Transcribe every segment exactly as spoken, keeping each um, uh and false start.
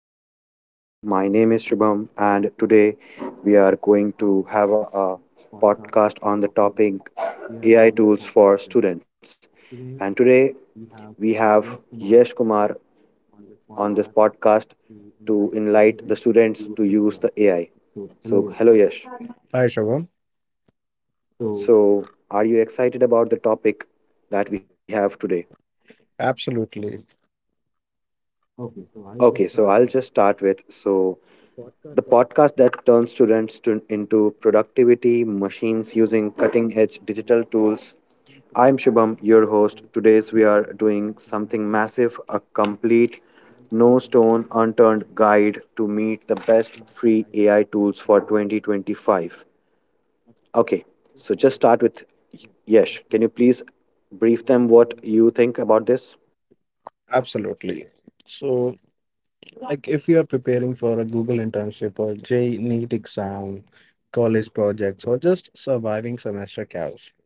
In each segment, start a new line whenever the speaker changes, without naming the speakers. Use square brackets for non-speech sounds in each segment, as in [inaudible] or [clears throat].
my podcast. My name is Shubham, and today we are going to have a podcast on the topic A I tools for students. And today we have Yesh Kumar on this podcast to enlighten the students to use the A I. So, hello Yesh.
Hi, Shubham.
So, are you excited about the topic that we have today?
Absolutely.
Okay, so I'll just start with so the podcast that turns students to, into productivity machines using cutting edge digital tools. I am Shubham, your host. Today's we are doing something massive, a complete no stone unturned guide to meet the best free A I tools for twenty twenty-five. Okay, so just start with Yesh. Can you please brief them what you think about this?
Absolutely. So, like, if you are preparing for a Google internship or J NEET exam, college projects, or just surviving semester chaos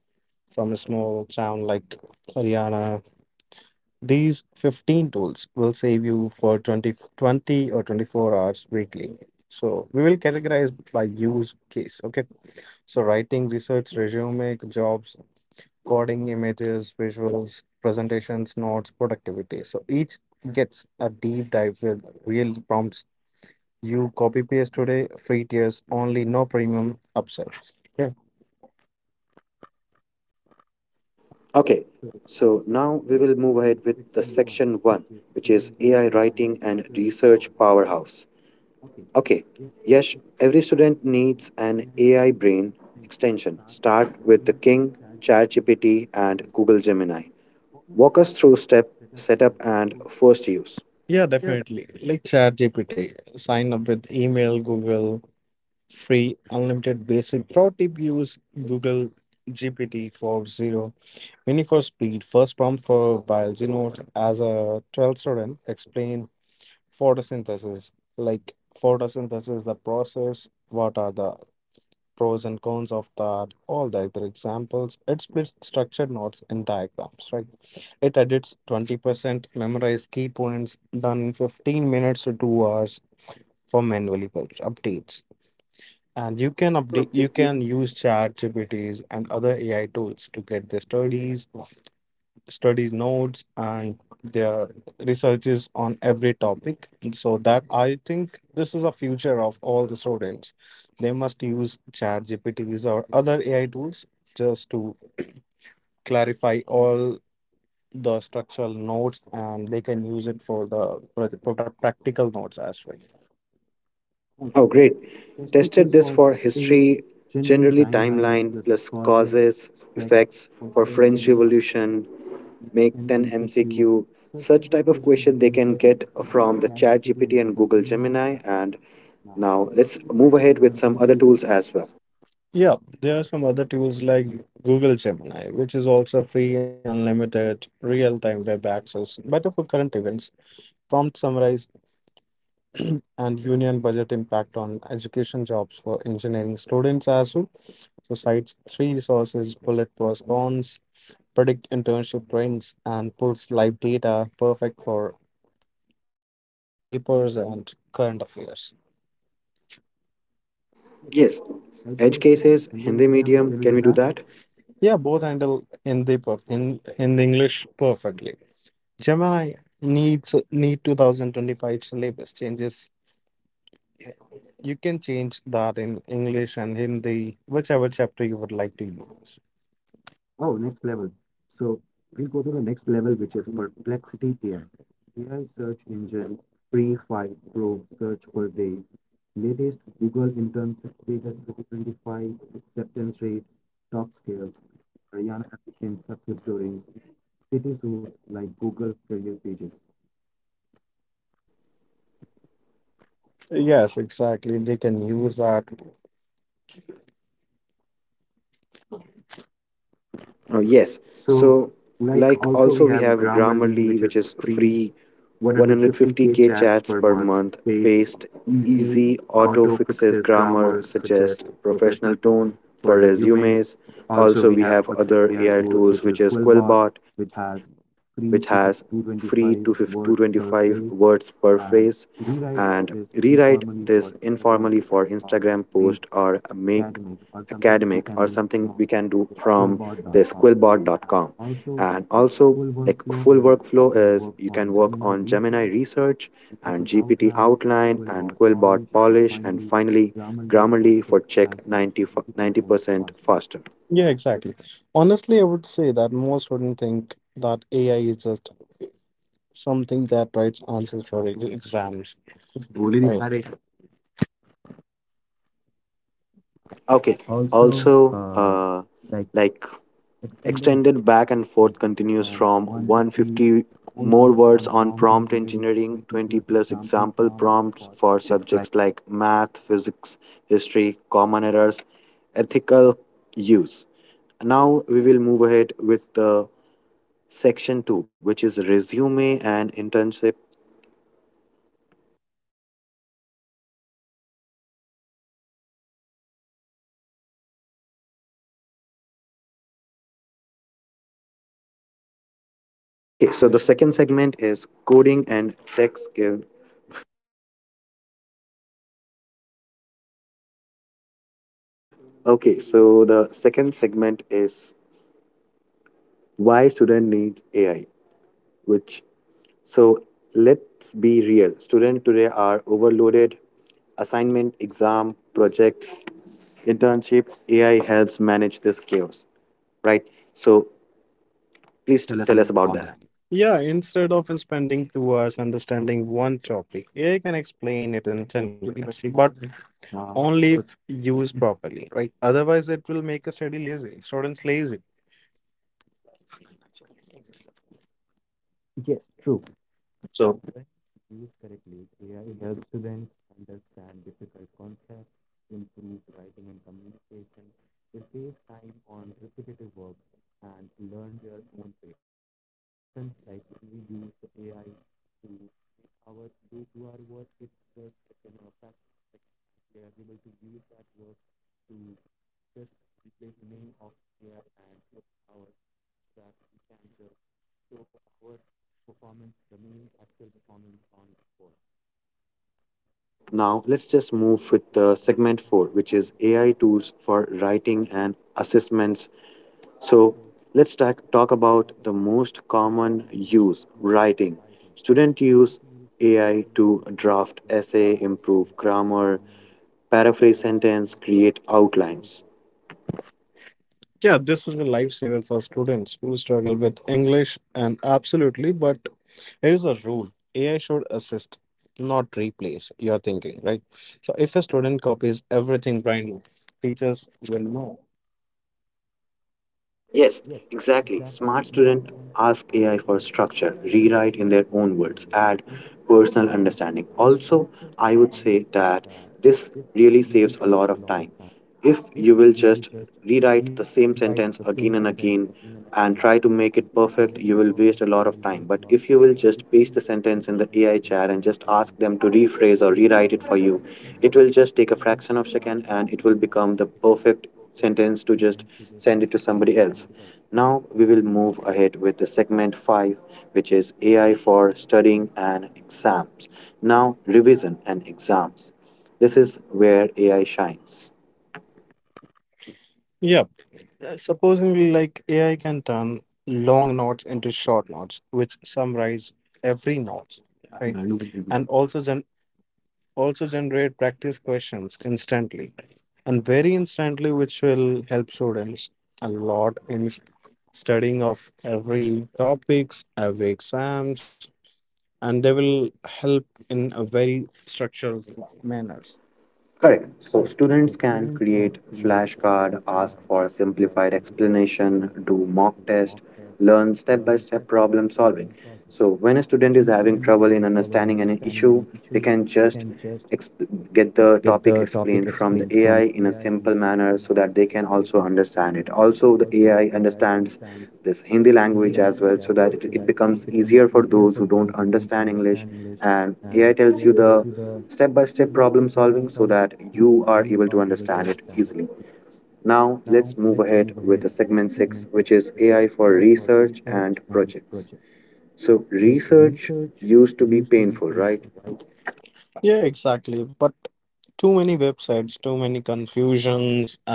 from a small town like Haryana, these fifteen tools will save you for twenty, twenty or twenty-four hours weekly. So, we will categorize by use case. Okay. So, writing, research, resume, jobs, recording images, visuals, presentations, notes, productivity. So each gets a deep dive with real prompts. You copy paste today, free tiers only, no premium upsells.
Okay, so now we will move ahead with the section one, which is A I writing and research powerhouse. Okay, yes, every student needs an A I brain extension. Start with the King, ChatGPT, and Google Gemini. Walk us through step setup and first use.
Yeah, definitely. Like ChatGPT, sign up with email, Google, free, unlimited, basic. Pro tip use Google G P T 4.0 Mini for speed, first prompt for biology notes. As a twelfth student, explain photosynthesis like photosynthesis, the process, what are the pros and cons of that, all the other examples. It splits structured notes in diagrams, right? It edits twenty percent, memorize key points, done in fifteen minutes to two hours for manually published updates. And you
You
can
can
update, you
update.
can use chat gpts and other AI tools to get the studies. Studies notes and their researches on every topic, so that I think this is a future of all the students. They must use chat gpts or other AI tools just to clarify all the structural notes, and they can use it for the for the product practical notes as well.
Oh, great. Tested this for history, generally timeline plus causes, effects for French Revolution, make ten M C Q, such type of question they can get from the chat G P T and Google Gemini. And now let's move ahead with some other tools as well.
Yeah, there are some other tools like Google Gemini, which is also free, unlimited, real-time web access, better for current events. Prompt summarize [clears throat] and union budget impact on education jobs for engineering students as well. So cites three resources, bullet response, predict internship trends, and pulls live data, perfect for econ papers and current affairs.
Yes, edge cases, Hindi medium, can we do that?
Yeah, both handle Hindi per- in in the English perfectly. Gemini needs need two thousand twenty-five syllabus changes. You can change that in English and Hindi, whichever chapter you would like to use. Yes, exactly. They can use that.
Oh, yes. So, like, also we have Grammarly, which is free one hundred fifty k chats per month, paste, easy auto fixes grammar, suggest professional tone for resumes. Also, we have other A I tools, which is Quillbot, which has free to two hundred twenty-five words per phrase, and rewrite this informally for Instagram post or make academic or something we can do from this quillbot dot com, and also like full workflow is you can work on gemini research and gpt outline and quillbot polish and finally grammarly for check ninety percent faster.
Yeah, exactly. Honestly, I would say that most wouldn't think that A I is just something that writes answers for e- exams. Right.
Okay, also uh, like extended back and forth continues from one hundred fifty more words on prompt engineering, twenty plus example prompts for subjects like math, physics, history, common errors, ethical use. Now we will move ahead with the section two which is resume and internship. Okay, so the second segment is coding and tech skill. Okay, so the second segment is why student needs A I, which. So let's be real. Students today are overloaded. Assignment, exam, projects, internship, A I helps manage this chaos, right? So please tell us about that.
Yeah, instead of spending two hours understanding one topic, A I can explain it in ten minutes, but only if used properly. Otherwise, it will make a study lazy, students lazy.
Now let's just move with uh, segment four, which is A I tools for writing and assessments. So let's talk, talk about the most common use writing. Students use A I to draft essay, improve grammar, paraphrase sentence, create outlines.
Yeah, this is a lifesaver for students who struggle with English, and absolutely, but here is a rule. A I should assist, not replace your thinking, right? So if a student copies everything blindly, teachers,
Yes, exactly. Smart students ask A I for structure, rewrite in their own words, add personal understanding. Also, I would say that this really saves a lot of time. If you will just rewrite the same sentence again and again and try to make it perfect, you will waste a lot of time. But if you will just paste the sentence in the A I chat and just ask them to rephrase or rewrite it for you, it will just take a fraction of second and it will become the perfect sentence to just send it to somebody else. Now we will move ahead with the segment five, which is A I for studying and exams. Now, revision and exams. This is where A I shines.
yeah, supposedly like A I can turn long notes into short notes, which summarize every note, right? And also gen- also generate practice questions instantly, and very instantly, which will help students a lot in studying of every topics, every exams, and they will help in a very structured manners.
Correct. So students can create flashcard, ask for a simplified explanation, do mock test, learn step-by-step problem solving. So when a student is having trouble in understanding an issue, they can just exp- get the topic explained from the A I in a simple manner so that they can also understand it. Also, the A I understands this Hindi language as well so that it, it becomes easier for those who don't understand English, and A I tells you the step by step problem solving so that you are able to understand it easily. Now, let's move ahead with the segment six, which is A I for research and projects. So, research used to be painful, right?
Yeah, exactly. But too many websites, too many confusions, and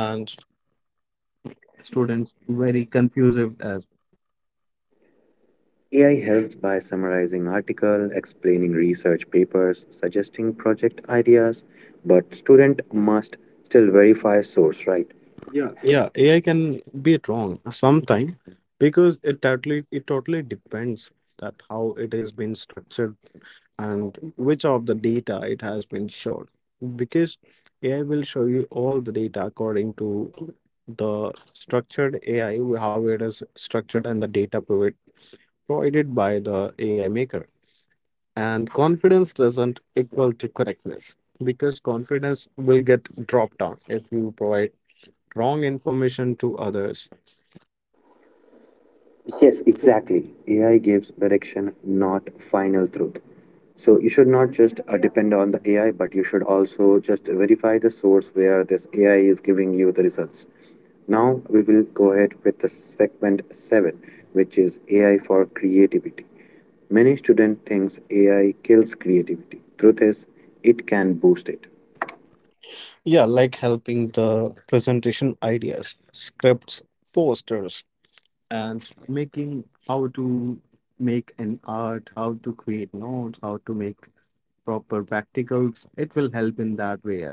students very confused as.
A I helps by summarizing articles, explaining research papers, suggesting project ideas, but student must still verify source, right?
Yeah, A I can be wrong sometime because it totally it totally depends that how it is been structured and which of the data it has been showed. Because A I will show you all the data according to the structured A I, how it is structured and the data provi- provided by the A I maker. And confidence doesn't equal to correctness, because confidence will get dropped down if you provide wrong information to others.
Yes, exactly. A I gives direction, not final truth. So you should not just uh, depend on the A I, but you should also just verify the source where this A I is giving you the results. Now we will go ahead with the segment seven, which is A I for creativity. Many student thinks A I kills creativity. Truth is, it can boost it.
Yeah, like helping the presentation ideas, scripts, posters, and making how to make an art, how to create notes, how to make proper practicals. It will help in that way as well.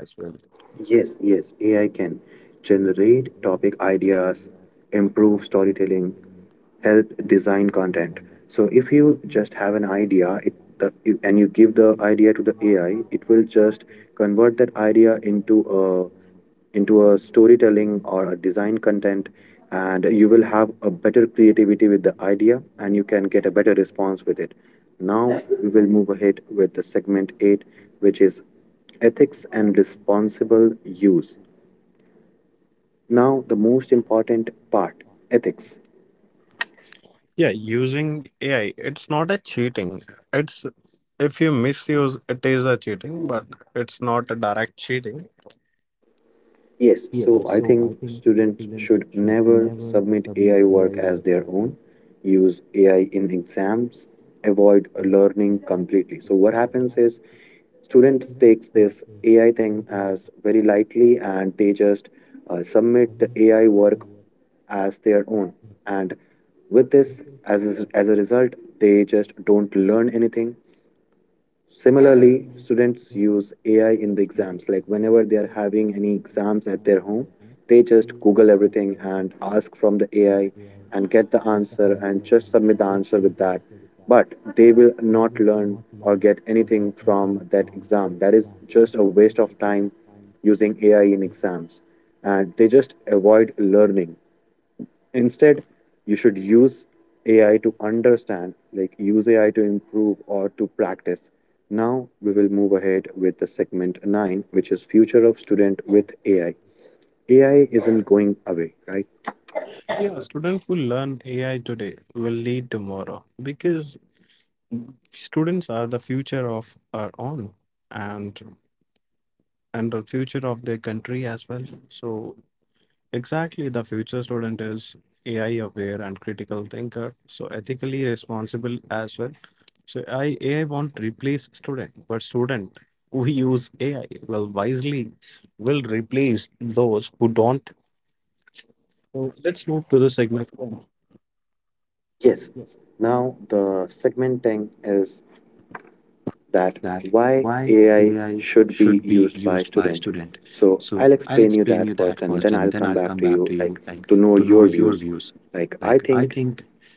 Yes, yes, A I can generate topic ideas, improve storytelling, help design content. So if you just have an idea, it the, you- and you give the idea to the A I, it will just convert that idea into a into a storytelling or a design content, and you will have a better creativity with the idea, and you can get a better response with it. Now we will move ahead with the segment eight, which is ethics and responsible use. Now, the most important part, ethics.
Yeah, using A I, it's not a cheating. It's if you misuse, it is a cheating, but it's not a direct cheating.
Yes, so, I think students should never submit A I work as their own, use A I in exams, avoid learning completely. So, what happens is students takes this A I thing as very lightly and they just uh, submit the A I work as their own. And with this, as a, as a result, they just don't learn anything. Similarly, students use A I in the exams. Like whenever they are having any exams at their home, they just Google everything and ask from the A I and get the answer and just submit the answer with that. But they will not learn or get anything from that exam. That is just a waste of time using A I in exams. And they just avoid learning. Instead, you should use A I to understand, like use A I to improve or to practice. Now we will move ahead with the segment nine, which is future of student with A I. A I isn't going away, right?
Yeah, students who learn A I today will lead tomorrow, because students are the future of our own, and and the future of their country as well. So exactly, the future student is AI aware and critical thinker, so ethically responsible as well. So I, AI won't replace student, but student who use AI will wisely will replace those who don't. So let's move to the segment
Yes. Now the segment ten is
that
that why
why AI
A I should be used by student. So I'll explain you that first and then I'll come back to you like to know your views. Like I think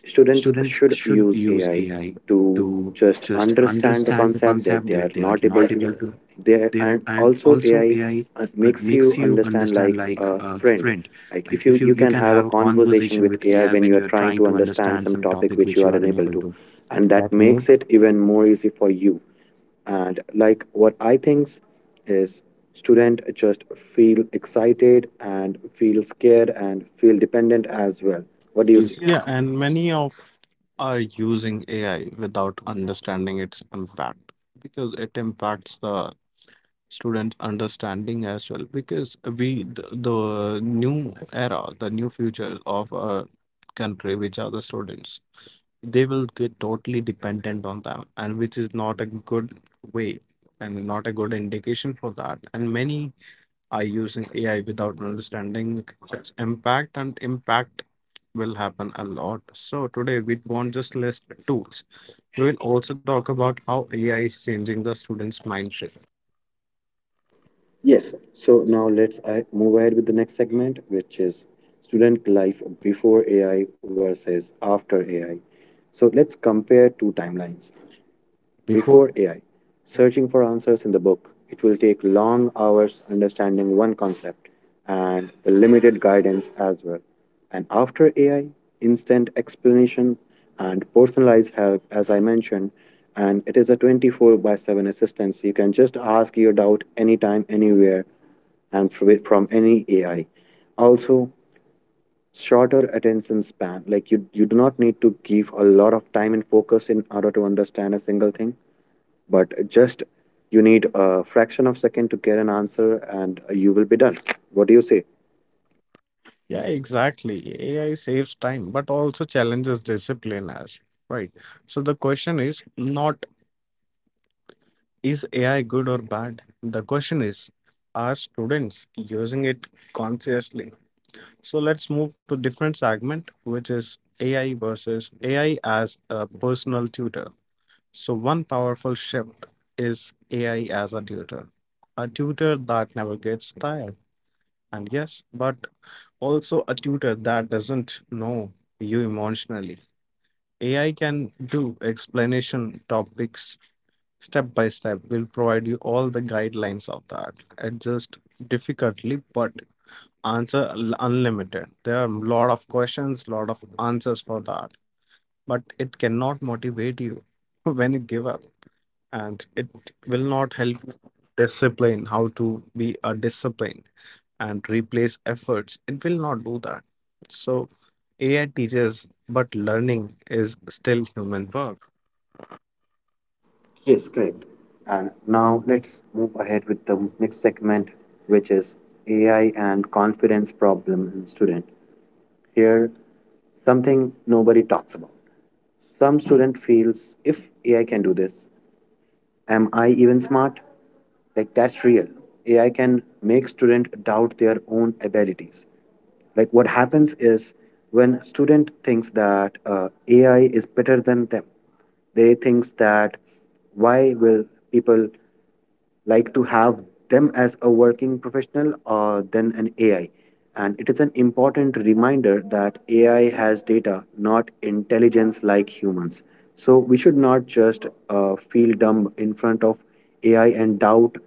students should use A I to just understand the concept that they are not able to there, and also ai uh, makes you understand like a friend, like if you you can have a conversation with ai when you are trying to understand some topic which you are unable to, and that makes it even more easy for you. And like what I think is student just feel excited and feel scared and feel dependent as well. What do you say?
reducing.
Yeah.
Yeah, and many of are using A I without understanding its impact, because it impacts the student understanding as well. Because we the, the new era, the new future of a country, which are the students, they will get totally dependent on them, and which is not a good way and not a good indication for that. And many are using A I without understanding its impact, and impact will happen a lot. So today we won't just list tools. We will also talk about how A I is changing the students' mindset.
Yes. So now let's I move ahead with the next segment, which is student life before A I versus after A I. So let's compare two timelines.
Before,
Before A I, searching for answers in the book, it will take long hours understanding one concept and the limited guidance as well. And after A I, instant explanation and personalized help, as I mentioned, and it is a twenty-four by seven assistance. You can just ask your doubt anytime, anywhere, and fr- from any A I. Also, shorter attention span. Like you, you do not need to give a lot of time and focus in order to understand a single thing but just you need a fraction of second to get an answer and you will be done. What do you say?
yeah, exactly. A I saves time, but also challenges discipline as, right. So the question is not, is A I good or bad? The question is, are students using it consciously? So let's move to different segment, which is A I versus A I as a personal tutor. So, one powerful shift is A I as a tutor, a tutor that never gets tired. And yes, but also a tutor that doesn't know you emotionally. A I can do explanation topics step by step, we'll provide you all the guidelines of that, adjust difficultly but answer unlimited, there are a lot of questions, lot of answers for that, but it cannot motivate you [laughs] when you give up, and it will not help you discipline, how to be a discipline, and replace efforts, it will not do that. So AI teaches, but learning is still human work.
Yes, correct. And now let's move ahead with the next segment which is ai and confidence problem in student. Here something nobody talks about, some student feels if ai can do this, am I even smart? Like, that's real. A I can make student doubt their own abilities. Like, what happens is when student thinks that uh, A I is better than them, they thinks that why will people like to have them as a working professional uh, than an A I. And it is an important reminder that A I has data, not intelligence like humans. So we should not just uh, feel dumb in front of A I and doubt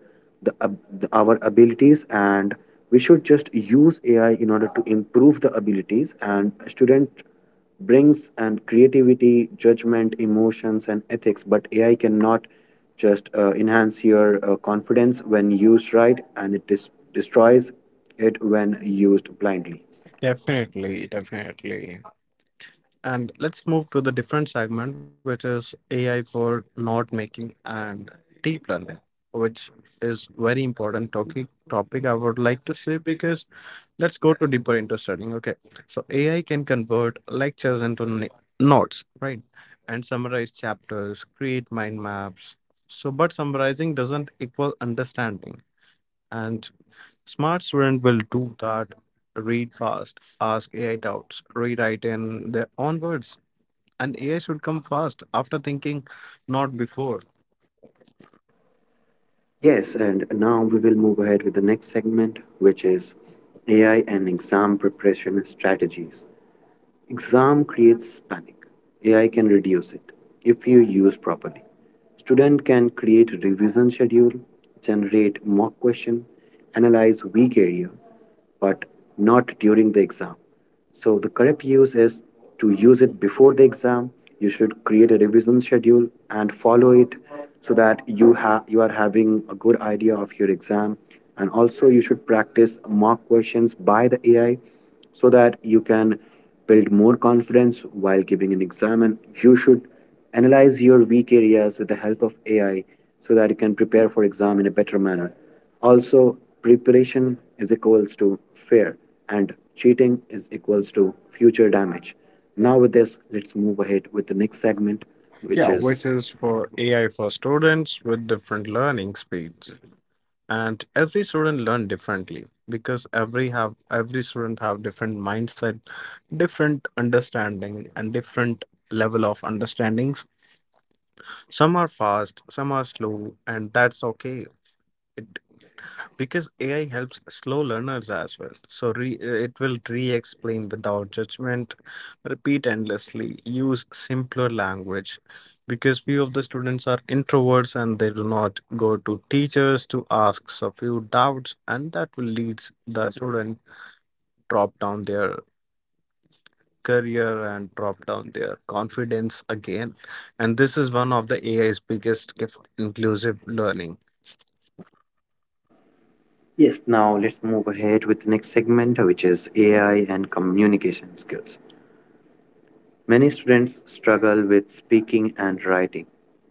the, ab- the, our abilities. And we should just use A I in order to improve the abilities. And a student brings and creativity, judgment, emotions, and ethics. But A I cannot just uh, enhance your uh, confidence when used right, and it dis- destroys it when used blindly.
Definitely, definitely. And let's move to the different segment, which is A I for note making and deep learning, which is very important topic topic I would like to say, because let's go to deeper into studying. Okay, so A I can convert lectures into n- notes, right? And summarize chapters, create mind maps. So, but summarizing doesn't equal understanding, and smart student will do that. Read fast, ask A I doubts, rewrite in their own words, and A I should come fast after thinking, not before.
Yes, and now we will move ahead with the next segment, which is A I and exam preparation strategies. Exam creates panic. A I can reduce it if you use properly. Student can create revision schedule, generate mock question, analyze weak area, but not during the exam. So the correct use is to use it before the exam. You should create a revision schedule and follow it so that you have you are having a good idea of your exam. And also you should practice mock questions by the A I so that you can build more confidence while giving an exam. And You should analyze your weak areas with the help of A I so that you can prepare for exam in a better manner. Also, preparation is equals to fear and cheating is equals to future damage. Now with this, let's move ahead with the next segment,
Which
which
yeah,
Yeah,
is
is let
which is for A I for students with different learning speeds. And every student learn differently, because every have every student have different mindset, different understanding and different level of understandings. Some are fast, some are slow, and that's okay. Because A I helps slow learners as well. So re, uh, it will re-explain without judgment, repeat endlessly, use simpler language, because few of the students are introverts and they do not go to teachers to ask a few doubts, and that will lead the student drop down their career and drop down their confidence again. And this is one of the A I's biggest gift, inclusive learning.
yes. Now let's move ahead with the next segment, which is A I and communication skills. Many students struggle with speaking and writing.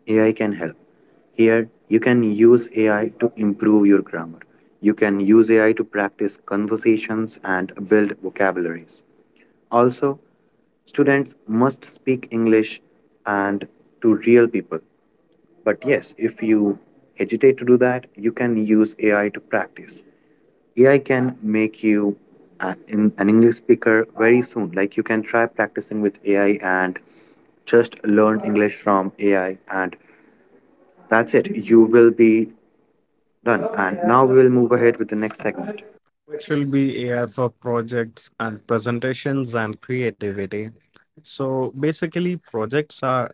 A I can help. Here, you can use A I to improve your grammar. You can use A I to practice conversations and build vocabularies. Also, students must speak English and to real people. But yes, if you hesitate to do that, you can use A I to practice. A I can make you a- in an English speaker very soon. Like you can try practicing with A I and just learn English from A I, and that's it. You will be done. And now we will move ahead with the next segment.
Which will be A I for projects and presentations and creativity. So basically, projects are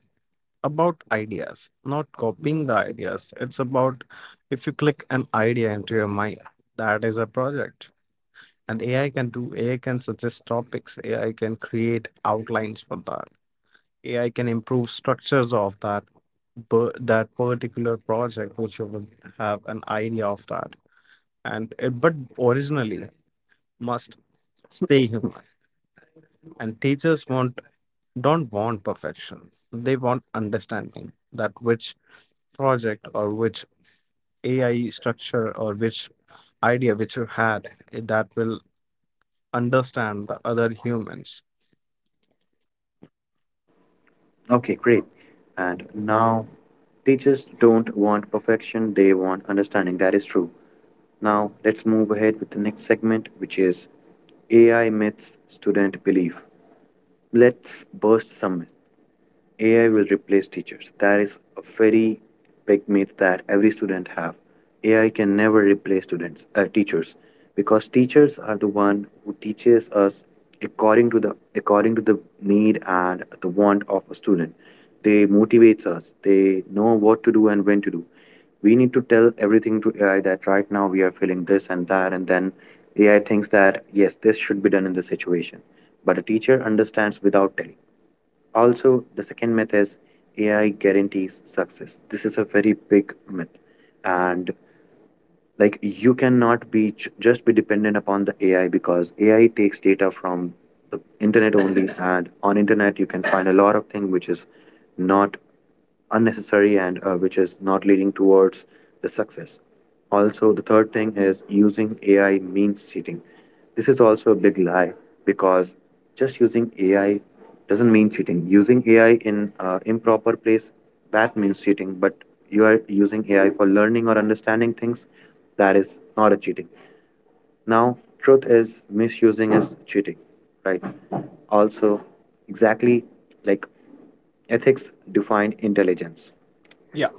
about ideas, not copying the ideas. It's about if you click an idea into your mind, that is a project. And A I can do, A I can suggest topics, A I can create outlines for that, A I can improve structures of that per- that particular project which you would have an idea of that, and it, but originally must stay human. And teachers want don't want perfection. They want understanding that which project or which A I structure or which idea which you had, eh, that will understand the other humans.
Okay, great. And now teachers don't want perfection, they want understanding. That is true. Now let's move ahead with the next segment, which is A I myths student belief. Let's burst some myths. A I will replace teachers. That is a very big myth that every student have. A I can never replace students, uh, teachers, because teachers are the one who teaches us according to the according to the need and the want of a student. They motivates us. They know what to do and when to do. We need to tell everything to A I that right now we are feeling this and that, and then A I thinks that yes, this should be done in this situation but a teacher understands without telling. Also, the second myth is A I guarantees success. This is a very big myth. And like you cannot be j- just be dependent upon the A I because A I takes data from the internet only [laughs] and on internet you can find a lot of things which is not unnecessary and uh, which is not leading towards the success. Also, the third thing is using A I means cheating. This is also a big lie because just using A I doesn't mean cheating. Using A I in uh, improper place that means cheating, but you are using A I for learning or understanding things that is not a cheating. Now, truth is misusing is cheating, right? Also, exactly like ethics define intelligence. Yeah.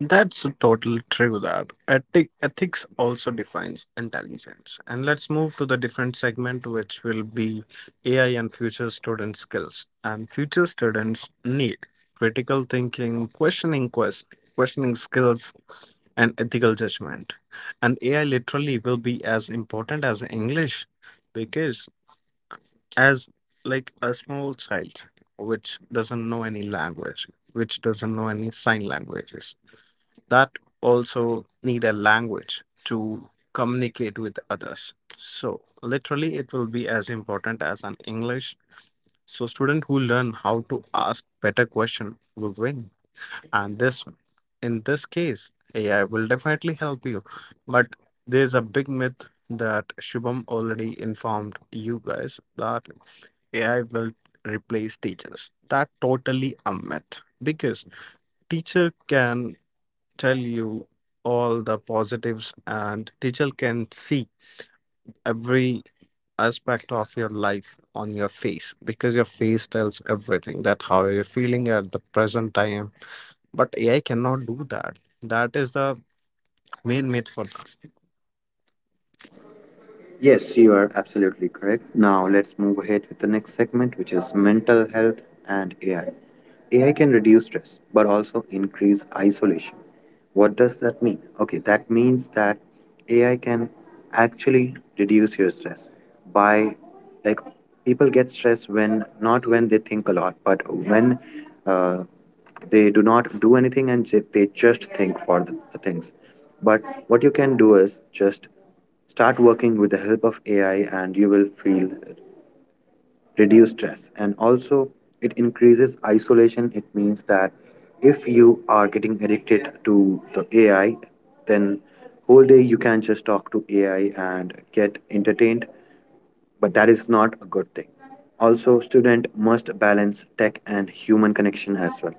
That's totally true. That Ethi- ethics also defines intelligence. And let's move to the different segment, which will be A I and future student skills. And future students need critical thinking, questioning, quest, questioning skills, and ethical judgment. And A I literally will be as important as English, because as like a small child which doesn't know any language, which doesn't know any sign languages, that also need a language to communicate with others. So literally it will be as important as an English. So student who learn how to ask better question will win, and this in this case AI will definitely help you. But there's a big myth, that Shubham already informed you guys, that AI will replace teachers, that totally a myth. Because teacher can tell you all the positives, and teacher can see every aspect of your life on your face, because your face tells everything that how you're feeling at the present time. But AI cannot do that. That is the main myth for that.
Yes, you are absolutely correct. Now let's move ahead with the next segment, which is mental health and A I. A I can reduce stress but also increase isolation. What does that mean? Okay, that means that A I can actually reduce your stress by like people get stressed when not when they think a lot, but when uh, they do not do anything and ju- they just think for the, the things. But what you can do is just Start working with the help of A I and you will feel reduce stress. And also, it increases isolation. It means that if you are getting addicted to the A I, then whole day you can just talk to A I and get entertained but that is not a good thing. Also, student must balance tech and human connection as well.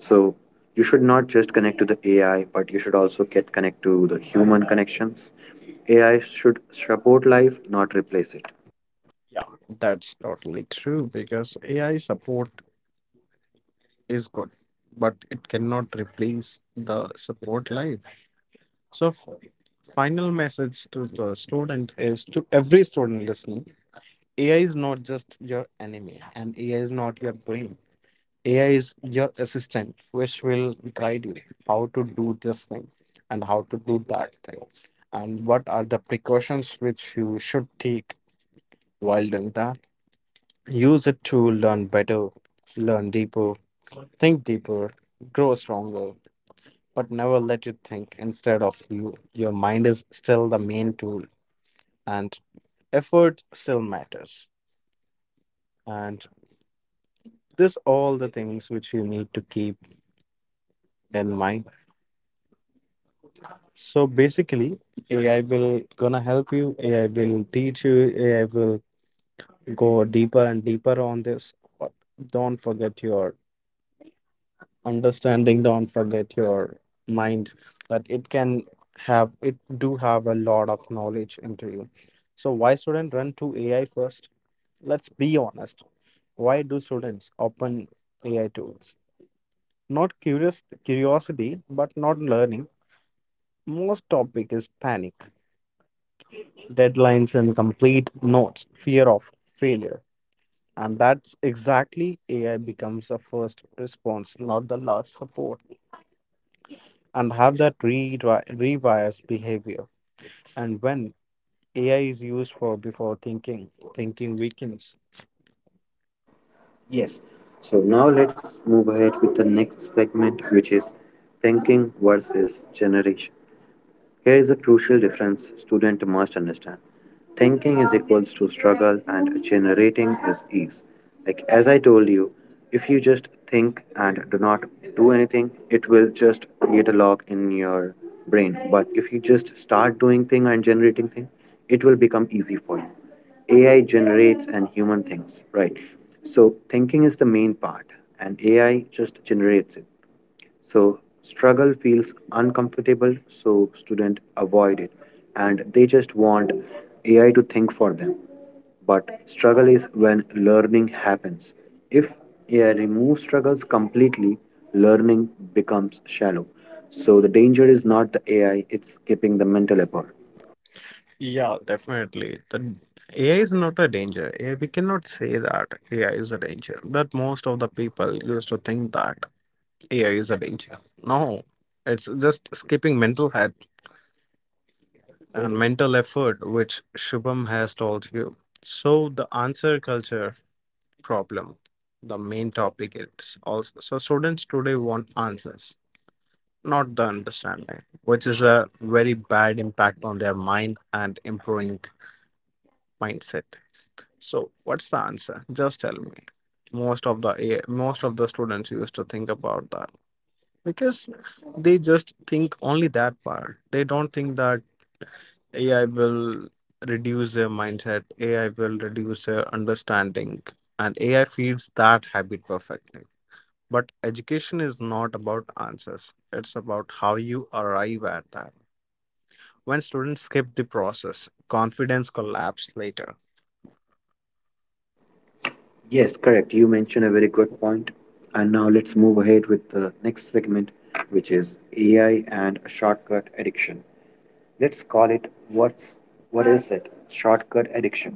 So you should not just connect to the A I, but you should also get connect to the human connections. A I should support life, not replace it.
Yeah, that's totally true, because AI support is good, but it cannot replace the support life. So f- final message to the student is to every student listening, A I is not just your enemy, and A I is not your brain. A I is your assistant, which will guide you how to do this thing and how to do that thing, and what are the precautions which you should take while doing that. Use it to learn better, learn deeper, think deeper, grow stronger, but never let it think instead of you. Your mind is still the main tool, and effort still matters. And this all the things which you need to keep in mind. So basically, A I will gonna help you. A I will teach you. A I will go deeper and deeper on this. But don't forget your understanding. Don't forget your mind, that it can have it do have a lot of knowledge into you. So why student run to A I first? Let's be honest. Why do students open A I tools? Not curious curiosity, but not learning. Most topic is panic, deadlines, incomplete notes, fear of failure. And that's exactly A I becomes a first response, not the last support. And have that re- rewires behavior. And when A I is used for before thinking, thinking weakens.
Yes. So now let's move ahead with the next segment, which is thinking versus generation. Here is a crucial difference student must understand. Thinking is equals to struggle and generating is ease. Like as I told you, if you just think and do not do anything, it will just create a lock in your brain. But if you just start doing thing and generating thing, it will become easy for you. A I generates and human thinks, right? So thinking is the main part and A I just generates it. So struggle feels uncomfortable, so students avoid it and they just want A I to think for them. But struggle is when learning happens. If A I removes struggles completely, learning becomes shallow. So the danger is not the A I, it's skipping the mental effort.
Yeah, definitely. The A I is not a danger. Eh, We cannot say that A I is a danger, but most of the people used to think that. A I is a danger. No, it's just skipping mental head and mental effort, which Shubham has told you. So the answer culture problem, the main topic is also. So students today want answers, not the understanding, which is a very bad impact on their mind and improving mindset. So what's the answer? Just tell me. Most of the Most of the students used to think about that, because they just think only that part. They don't think that AI will reduce their mindset, AI will reduce their understanding, and AI feeds that habit perfectly. But education is not about answers, it's about how you arrive at that. When students skip the process, confidence collapses later.
Yes, correct. You mentioned a very good point. And now let's move ahead with the next segment, which is A I and shortcut addiction. Let's call it what's what is it? Shortcut addiction.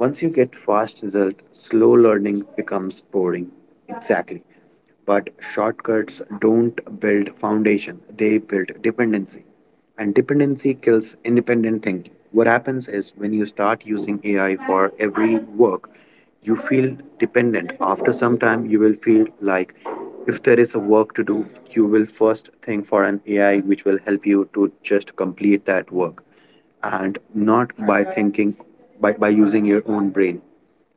Once you get fast result, slow learning becomes boring. Exactly. But shortcuts don't build foundation, they build dependency. And dependency kills independent thinking. What happens is when you start using A I for every work, you feel dependent. After some time, you will feel like if there is a work to do, you will first think for an A I which will help you to just complete that work and not by thinking by, by using your own brain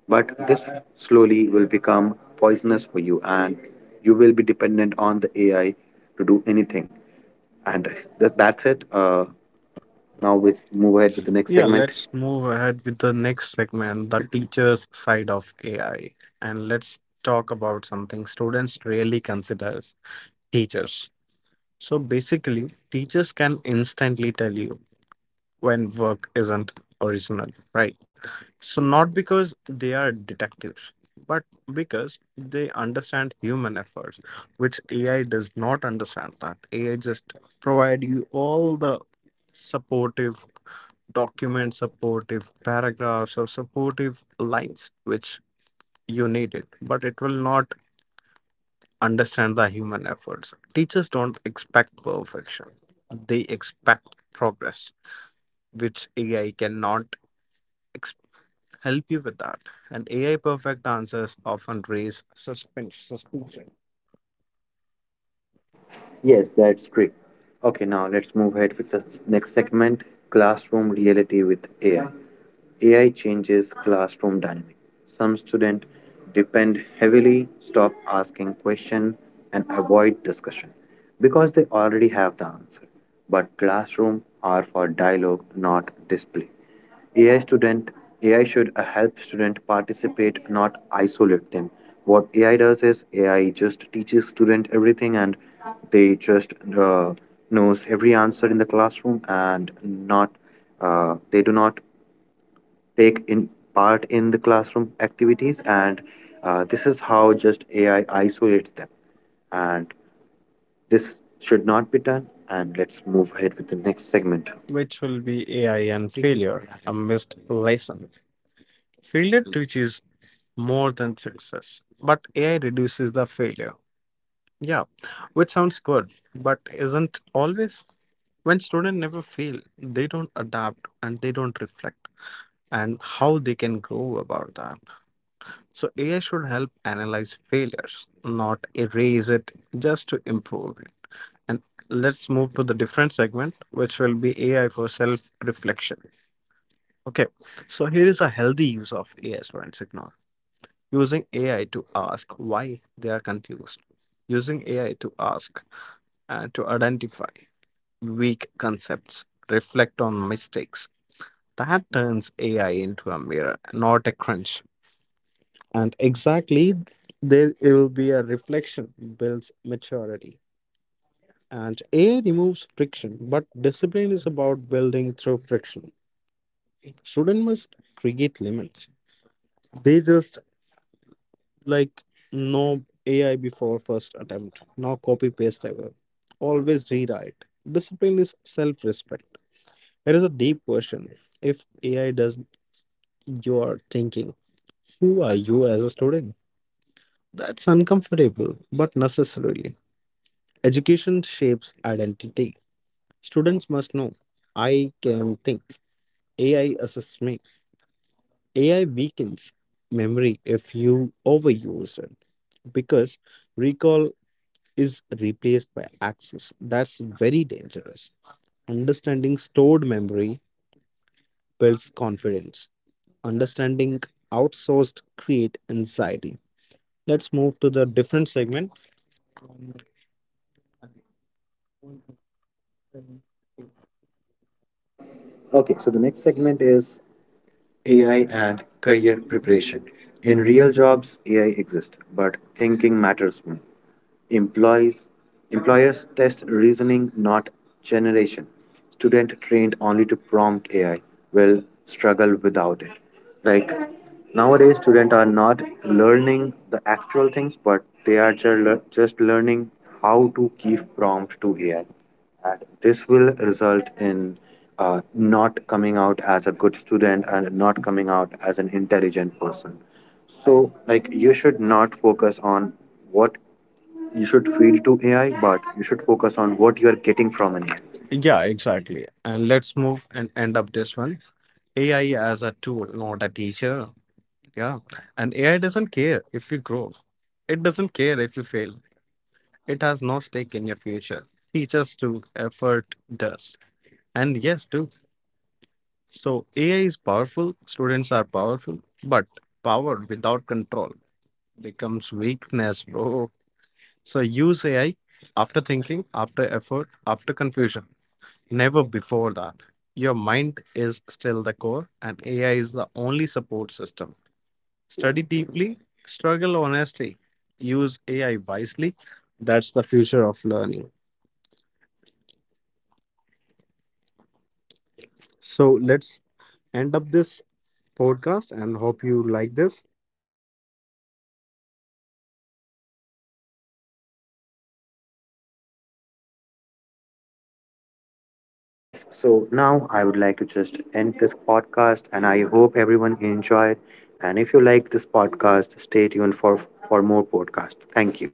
but this slowly will become poisonous for you and you will be dependent on the ai to do anything and that, that's it uh, now we move
Yeah,
ahead with the
segment.
next segment
Let's move ahead with the next segment, the teacher's side of A I. And let's talk about something students really consider: teachers. So basically, teachers can instantly tell you when work isn't original, right? So, not because they are detectives, but because they understand human efforts, which A I does not understand that. A I just provide you all the supportive documents, supportive paragraphs, or supportive lines which you needed, but it will not understand the human efforts. Teachers don't expect perfection, they expect progress, which A I cannot help you with that. And A I perfect answers often raise suspicion, suspicion,
yes that's great okay now let's move ahead with the next segment classroom reality with ai A I changes classroom dynamic. Some students depend heavily, stop asking questions, and avoid discussion because they already have the answer. But classroom are for dialogue, not display. A I student A I should uh, help student participate, not isolate them. What A I does is A I just teaches student everything, and they just uh, knows every answer in the classroom, and not uh, they do not take in part in the classroom activities and uh, this is how just A I isolates them and this should not be done and let's move ahead with the next segment.
which will be A I and failure, a missed lesson. Failure teaches more than success, but A I reduces the failure. Yeah, which sounds good, but isn't always. When students never fail, they don't adapt and they don't reflect, and how they can grow about that. So A I should help analyze failures, not erase it just to improve. And let's move to the different segment, which will be A I for self reflection. Okay, so here is a healthy use of A I as forensic norm. Using A I to ask why they are confused. Using A I to ask uh, to identify weak concepts, reflect on mistakes. That turns A I into a mirror, not a crunch. And exactly there it will be a reflection builds maturity. And A removes friction, but discipline is about building through friction. Students must create limits. They just, like, no A I before first attempt, no copy paste ever. Always rewrite. Discipline is self respect. It is a deep question. If A I does your thinking, who are you as a student? That's uncomfortable, but necessarily. Education shapes identity. Students must know I can think. A I assists me. A I weakens memory if you overuse it, because recall is replaced by access. That's very dangerous. Understanding stored memory builds confidence. Understanding outsourced create anxiety. Let's move to the different segment.
Yeah. Okay, so the next segment is A I and career preparation. In real jobs, A I exists, but thinking matters more. Employees, employers test reasoning, not generation. Student trained only to prompt A I will struggle without it. Like nowadays, students are not learning the actual things, but they are ju- lear- just learning how to give prompt to A I, and this will result in uh, not coming out as a good student and not coming out as an intelligent person. So, like, you should not focus on what you should feed to A I, but you should focus on what you are getting from an A I.
Yeah, exactly. And let's move and end up this one. A I as a tool, not a teacher. Yeah. And A I doesn't care if you grow. It doesn't care if you fail. It has no stake in your future. Teachers do, effort does. And yes, too. So A I is powerful, students are powerful, but power without control becomes weakness, bro. So use A I after thinking, after effort, after confusion. Never before that. Your mind is still the core, and A I is the only support system. Study deeply, struggle honestly, use A I wisely. That's the future of learning. So let's end up this podcast and hope you like this.
Yes, so now I would like to just end this podcast, and I hope everyone enjoyed. And if you like this podcast, stay tuned for, for more podcasts. Thank you.